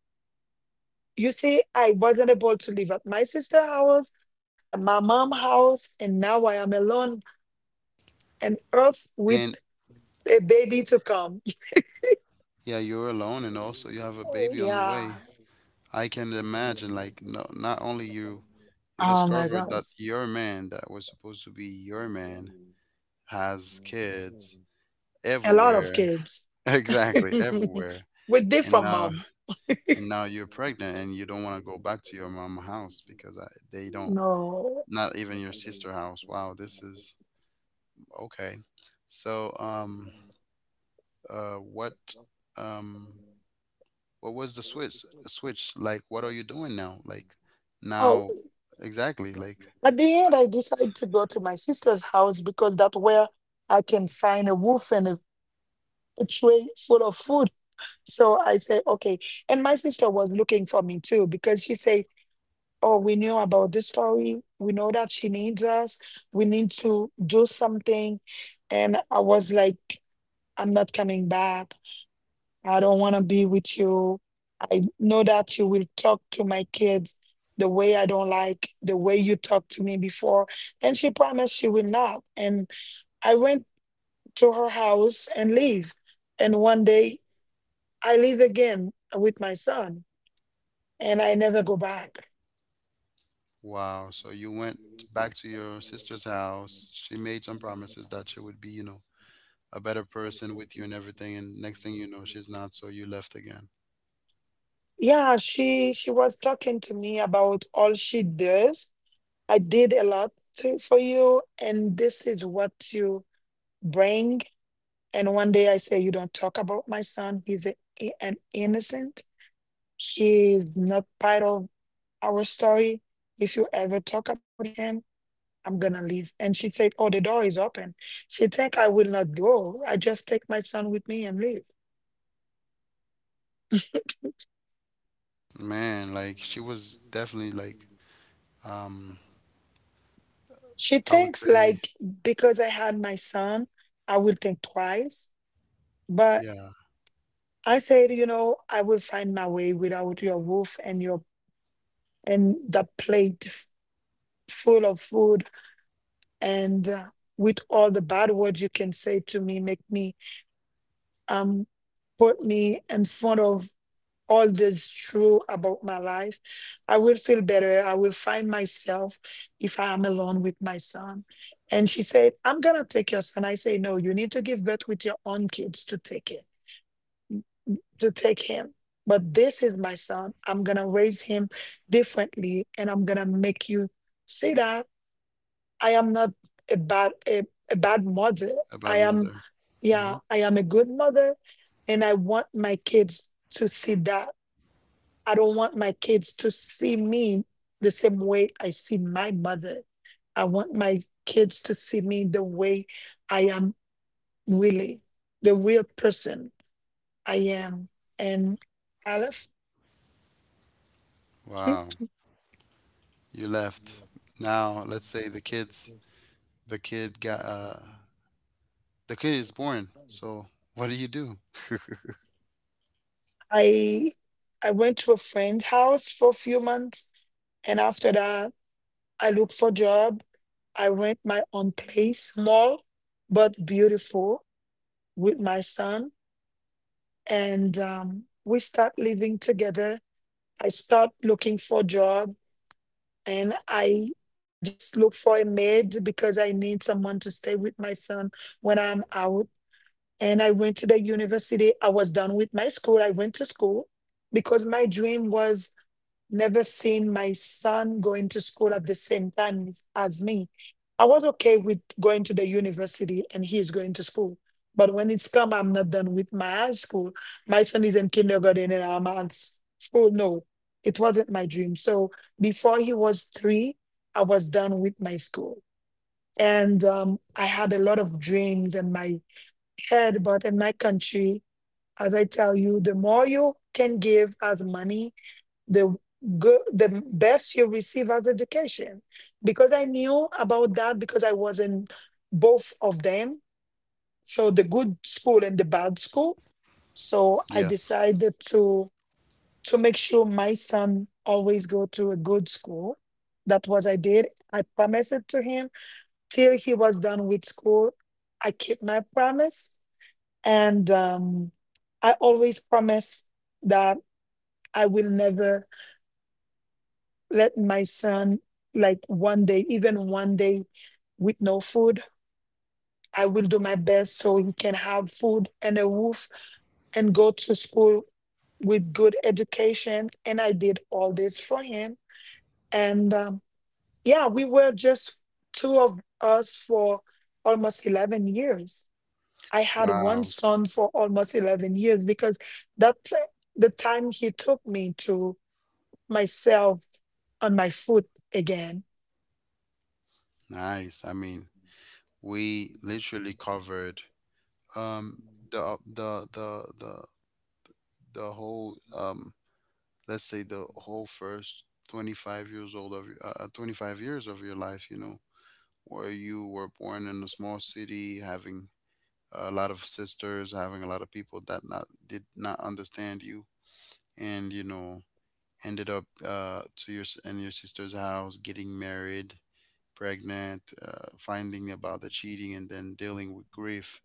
You see, I wasn't able to live at my sister's house, at my mom's house, and now I am alone and earth with And. a baby to come. Yeah, you're alone, and also you have a baby on the Yeah. way. I can imagine, like, no, not only you, you Oh my discovered that gosh. your man that was supposed to be your man has kids A lot of everywhere. kids Exactly, everywhere. with And different now, mom. and now you're pregnant, and you don't want to go back to your mom house, because I, they don't, No. not even your sister house. Wow, this is okay. So, uh, what, um, what was the switch? A switch, like, what are you doing now? Like, Oh. now exactly, like, At the end, I decided to go to my sister's house because that's where I can find a wolf and a tray full of food. So I said, okay. And my sister was looking for me too because she said, oh, we knew about this story. We know that she needs us. We need to do something. And I was like, I'm not coming back. I don't want to be with you. I know that you will talk to my kids the way I don't like, the way you talked to me before. And she promised she will not. And I went to her house and leave. And one day I leave again with my son, and I never go back. wow, so you went back to your sister's house. She made some promises that she would be, you know, a better person with you and everything, and next thing you know, she's not, so you left again. Yeah, she was talking to me about all she does. I did a lot to, for you, and this is what you bring. And one day I say, you don't talk about my son. He's an innocent. He is not part of our story. If you ever talk about him, I'm going to leave. And she said, oh, the door is open. She think I will not go. I just take my son with me and leave. Man, like, she was definitely like, um She I would thinks, say, like, because I had my son, I will think twice. But yeah, I said, you know, I will find my way without your roof and your and the plate full of food and with all the bad words you can say to me, make me um put me in front of all this true about my life. I will feel better. I will find myself if I am alone with my son. And she said, I'm gonna take your son. I say, no, you need to give birth with your own kids to take it, to take him. But this is my son. I'm gonna raise him differently, and I'm gonna make you see that I am not a bad a, a bad mother. a I bad am, mother. yeah, Hmm. I am a good mother, and I want my kids to see that. I don't want my kids to see me the same way I see my mother. I want my kids to see me the way I am really, the real person I am. And Aleph. Wow, you left. Now let's say the kids, the kid got the kid is born. So what do you do? I I went to a friend's house for a few months, and after that I look for job. I rent my own place, small but beautiful, with my son, and we start living together. I start looking for job, and I just look for a maid because I need someone to stay with my son when I'm out. And I went to the university. I was done with my school. I went to school because my dream was never seen my son going to school at the same time as me. I was okay with going to the university and he's going to school. But when it's come, I'm not done with my high school. My son is in kindergarten and I'm at school. No, it wasn't my dream. So before he was three, I was done with my school. And I had a lot of dreams in my head, but in my country, as I tell you, the more you can give as money, the good the best you receive as education because I knew about that because I was in both of them, so the good school and the bad school. So I Yes. decided to make sure my son always go to a good school. That was I promised it to him. Till he was done with school, I keep my promise. And I always promise that I will never let my son, like, one day, even one day with no food. I will do my best so he can have food and a roof and go to school with good education, and I did all this for him. And yeah, we were just two of us for almost 11 years. I had one Wow. son for almost 11 years because that's the time he took me to myself, on my foot again. Nice. I mean, we literally covered um the the whole let's say the whole first 25 years old of 25 years of your life, you know, where you were born in a small city, having a lot of sisters, having a lot of people that not did not understand you, and you know, ended up to your in your sister's house, getting married, pregnant, finding about the cheating, and then dealing with grief,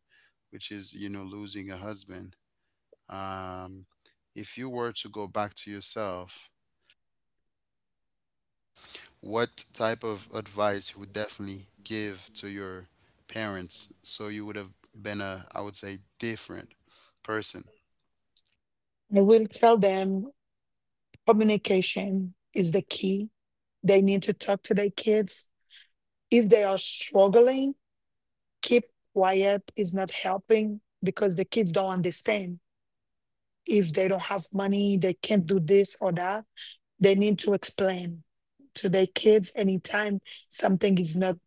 which is, you know, losing a husband. Um, if you were to go back to yourself, what type of advice you would definitely give to your parents, so you would have been a, I would say, different person? I will tell them communication is the key. They need to talk to their kids. If they are struggling, keep quiet is not helping because the kids don't understand. If they don't have money, they can't do this or that. They need to explain to their kids anytime something is not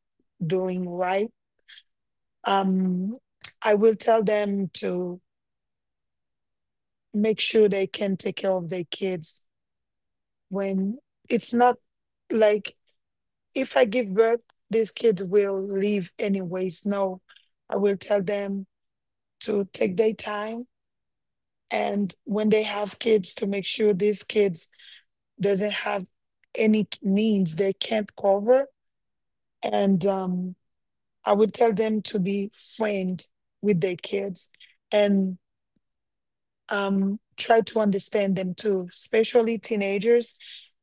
doing right. Um, I will tell them to make sure they can take care of their kids when it's not, like, if I give birth, these kids will leave anyways. No, I will tell them to take their time, and when they have kids, to make sure these kids doesn't have any needs they can't cover. And I would tell them to be friend with their kids, and try to understand them too, especially teenagers,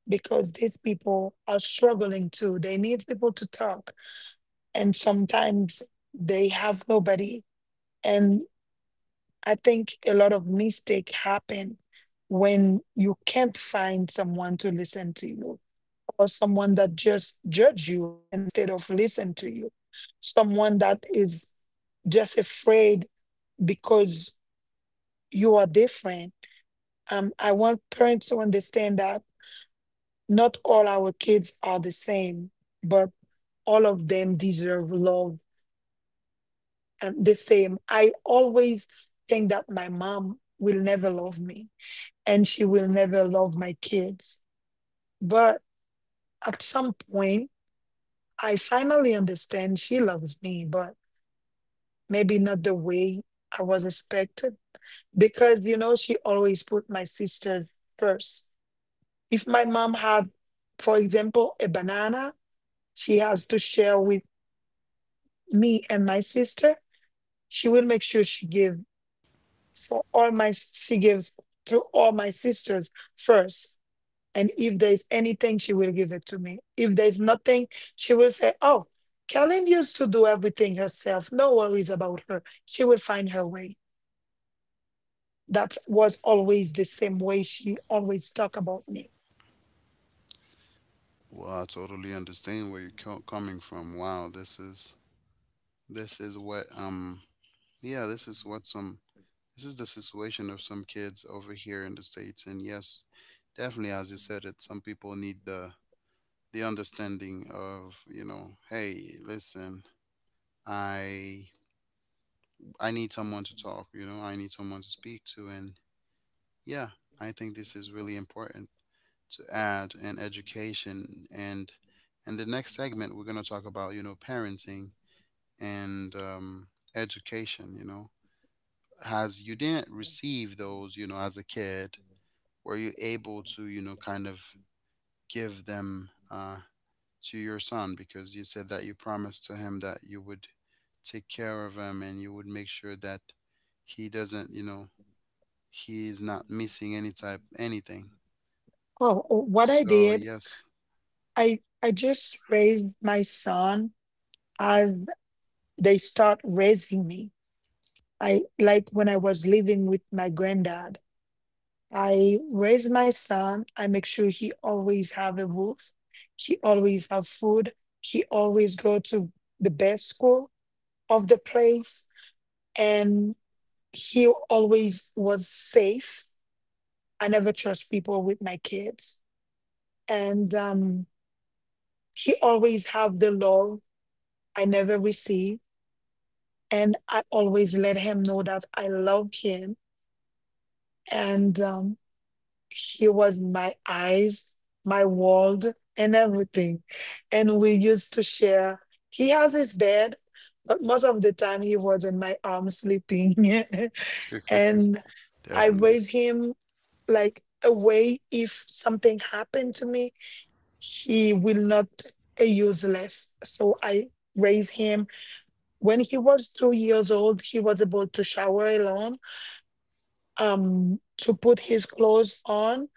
because these people are struggling too. They need people to talk, and sometimes they have nobody. And I think a lot of mistake happen when you can't find someone to listen to you, or someone that just judge you instead of listen to you, someone that is just afraid because you are different. I want parents to understand that not all our kids are the same, but all of them deserve love, the same. I always think that my mom will never love me and she will never love my kids. But at some point, I finally understand she loves me, but maybe not the way I was expected because, you know, she always put my sisters first. If my mom had, for example, a banana she has to share with me and my sister, she will make sure she gave for all my she gives to all my sisters first, and if there's anything she will give it to me. If there's nothing, she will say, oh, Kellen used to do everything herself, no worries about her, she will find her way. That was always the same way she always talk about me. Well, I totally understand where you're coming from. Wow, this is what yeah, this is what some, this is the situation of some kids over here in the States. And yes, definitely, as you said it, some people need the understanding of, you know, hey, listen, I I need someone to talk, you know, I need someone to speak to. And yeah, I think this is really important to add in education. And the next segment we're going to talk about, you know, parenting and education, you know, as you didn't receive those, you know, as a kid, were you able to, you know, kind of give them to your son, because you said that you promised to him that you would take care of him and you would make sure that he doesn't, you know, he's not missing any type anything. Oh, what I So did, yes. I just raised my son as they start raising me. I like when I was living with my granddad, I raise my son. I make sure he always have a roof. He always have food. He always go to the best school of the place. And he always was safe. I never trust people with my kids. And he always have the love I never receive. And I always let him know that I love him. And he was my eyes, my world, and everything. And we used to share. He has his bed, but most of the time he was in my arms sleeping. And I definitely. raised him like a way, if something happened to me, he will not a useless. So I raised him. When he was two years old, he was able to shower alone, to put his clothes on,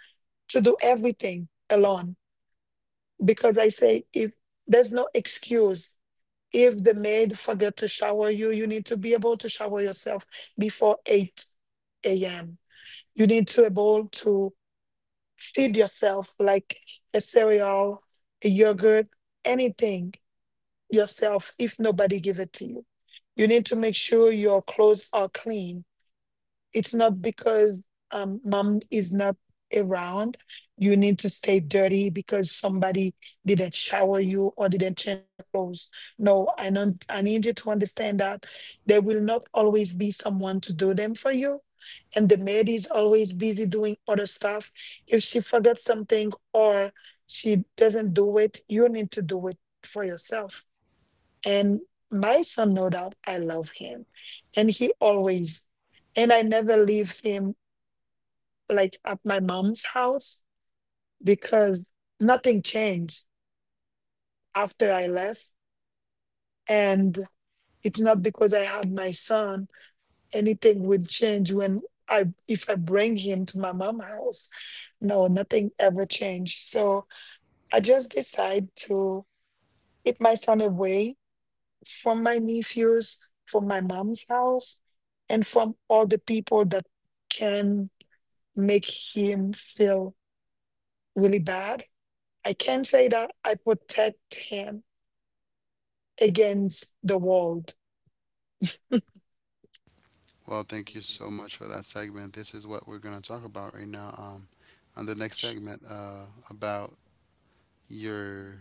to do everything alone, because I say, if there's no excuse, if the maid forget to shower you, you need to be able to shower yourself before 8 a.m. You need to able to feed yourself, like a cereal, a yogurt, anything, yourself, if nobody give it to you. You need to make sure your clothes are clean. It's not because mom is not around you need to stay dirty because somebody didn't shower you or didn't change your clothes. No, I don't I need you to understand that there will not always be someone to do them for you, and the maid is always busy doing other stuff. If she forgets something, or she doesn't do it, you need to do it for yourself. And my son know that I love him. And I never leave him like at my mom's house because nothing changed after I left. And it's not because I had my son, anything would change when I if I bring him to my mom's house. No, nothing ever changed. So I just decide to keep my son away from my nephews, from my mom's house, and from all the people that can make him feel really bad. I can say that I protect him against the world. Well, thank you so much for that segment. This is what we're going to talk about right now. On the next segment, about your,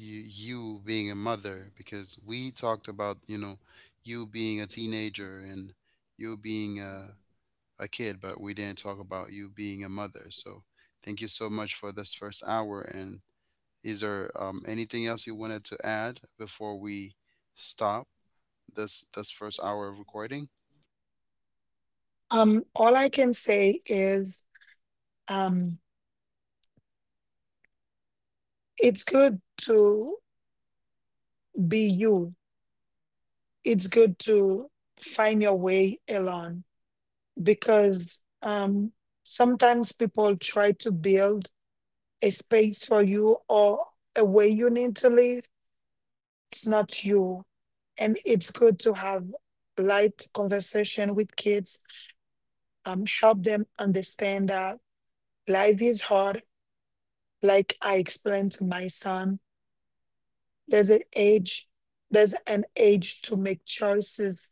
you being a mother, because we talked about, you know, you being a teenager and you being a kid, but we didn't talk about you being a mother. So thank you so much for this first hour. And is there anything else you wanted to add before we stop this this first hour of recording? All I can say is, um, it's good to be you. It's good to find your way alone because sometimes people try to build a space for you or a way you need to live, it's not you. And it's good to have light conversation with kids, help them understand that life is hard. Like I explained to my son, there's an age, there's an age to make choices,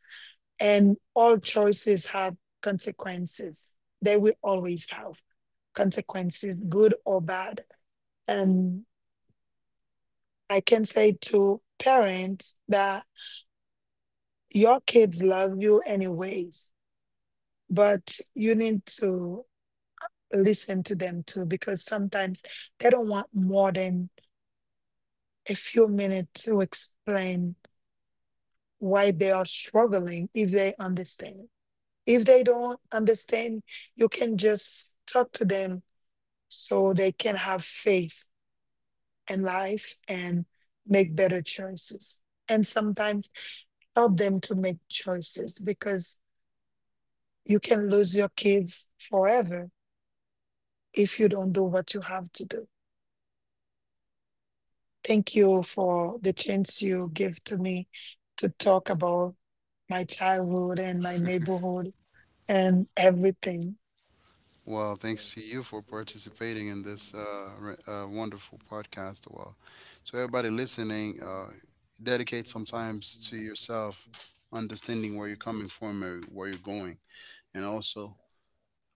and all choices have consequences. They will always have consequences, good or bad. And I can say to parents that your kids love you anyways, but you need to listen to them too because sometimes they don't want more than a few minutes to explain why they are struggling, if they understand. If they don't understand, you can just talk to them so they can have faith in life and make better choices. And sometimes help them to make choices because you can lose your kids forever if you don't do what you have to do. Thank you for the chance you give to me to talk about my childhood and my neighborhood and everything. Well, thanks to you for participating in this wonderful podcast. Well, so everybody listening, dedicate some times to yourself, understanding where you're coming from or where you're going, and also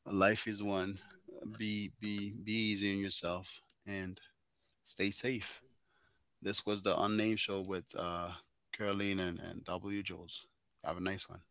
life is one. Be easy on yourself and stay safe. This was the unnamed show with Caroline and, W. Jules. Have a nice one.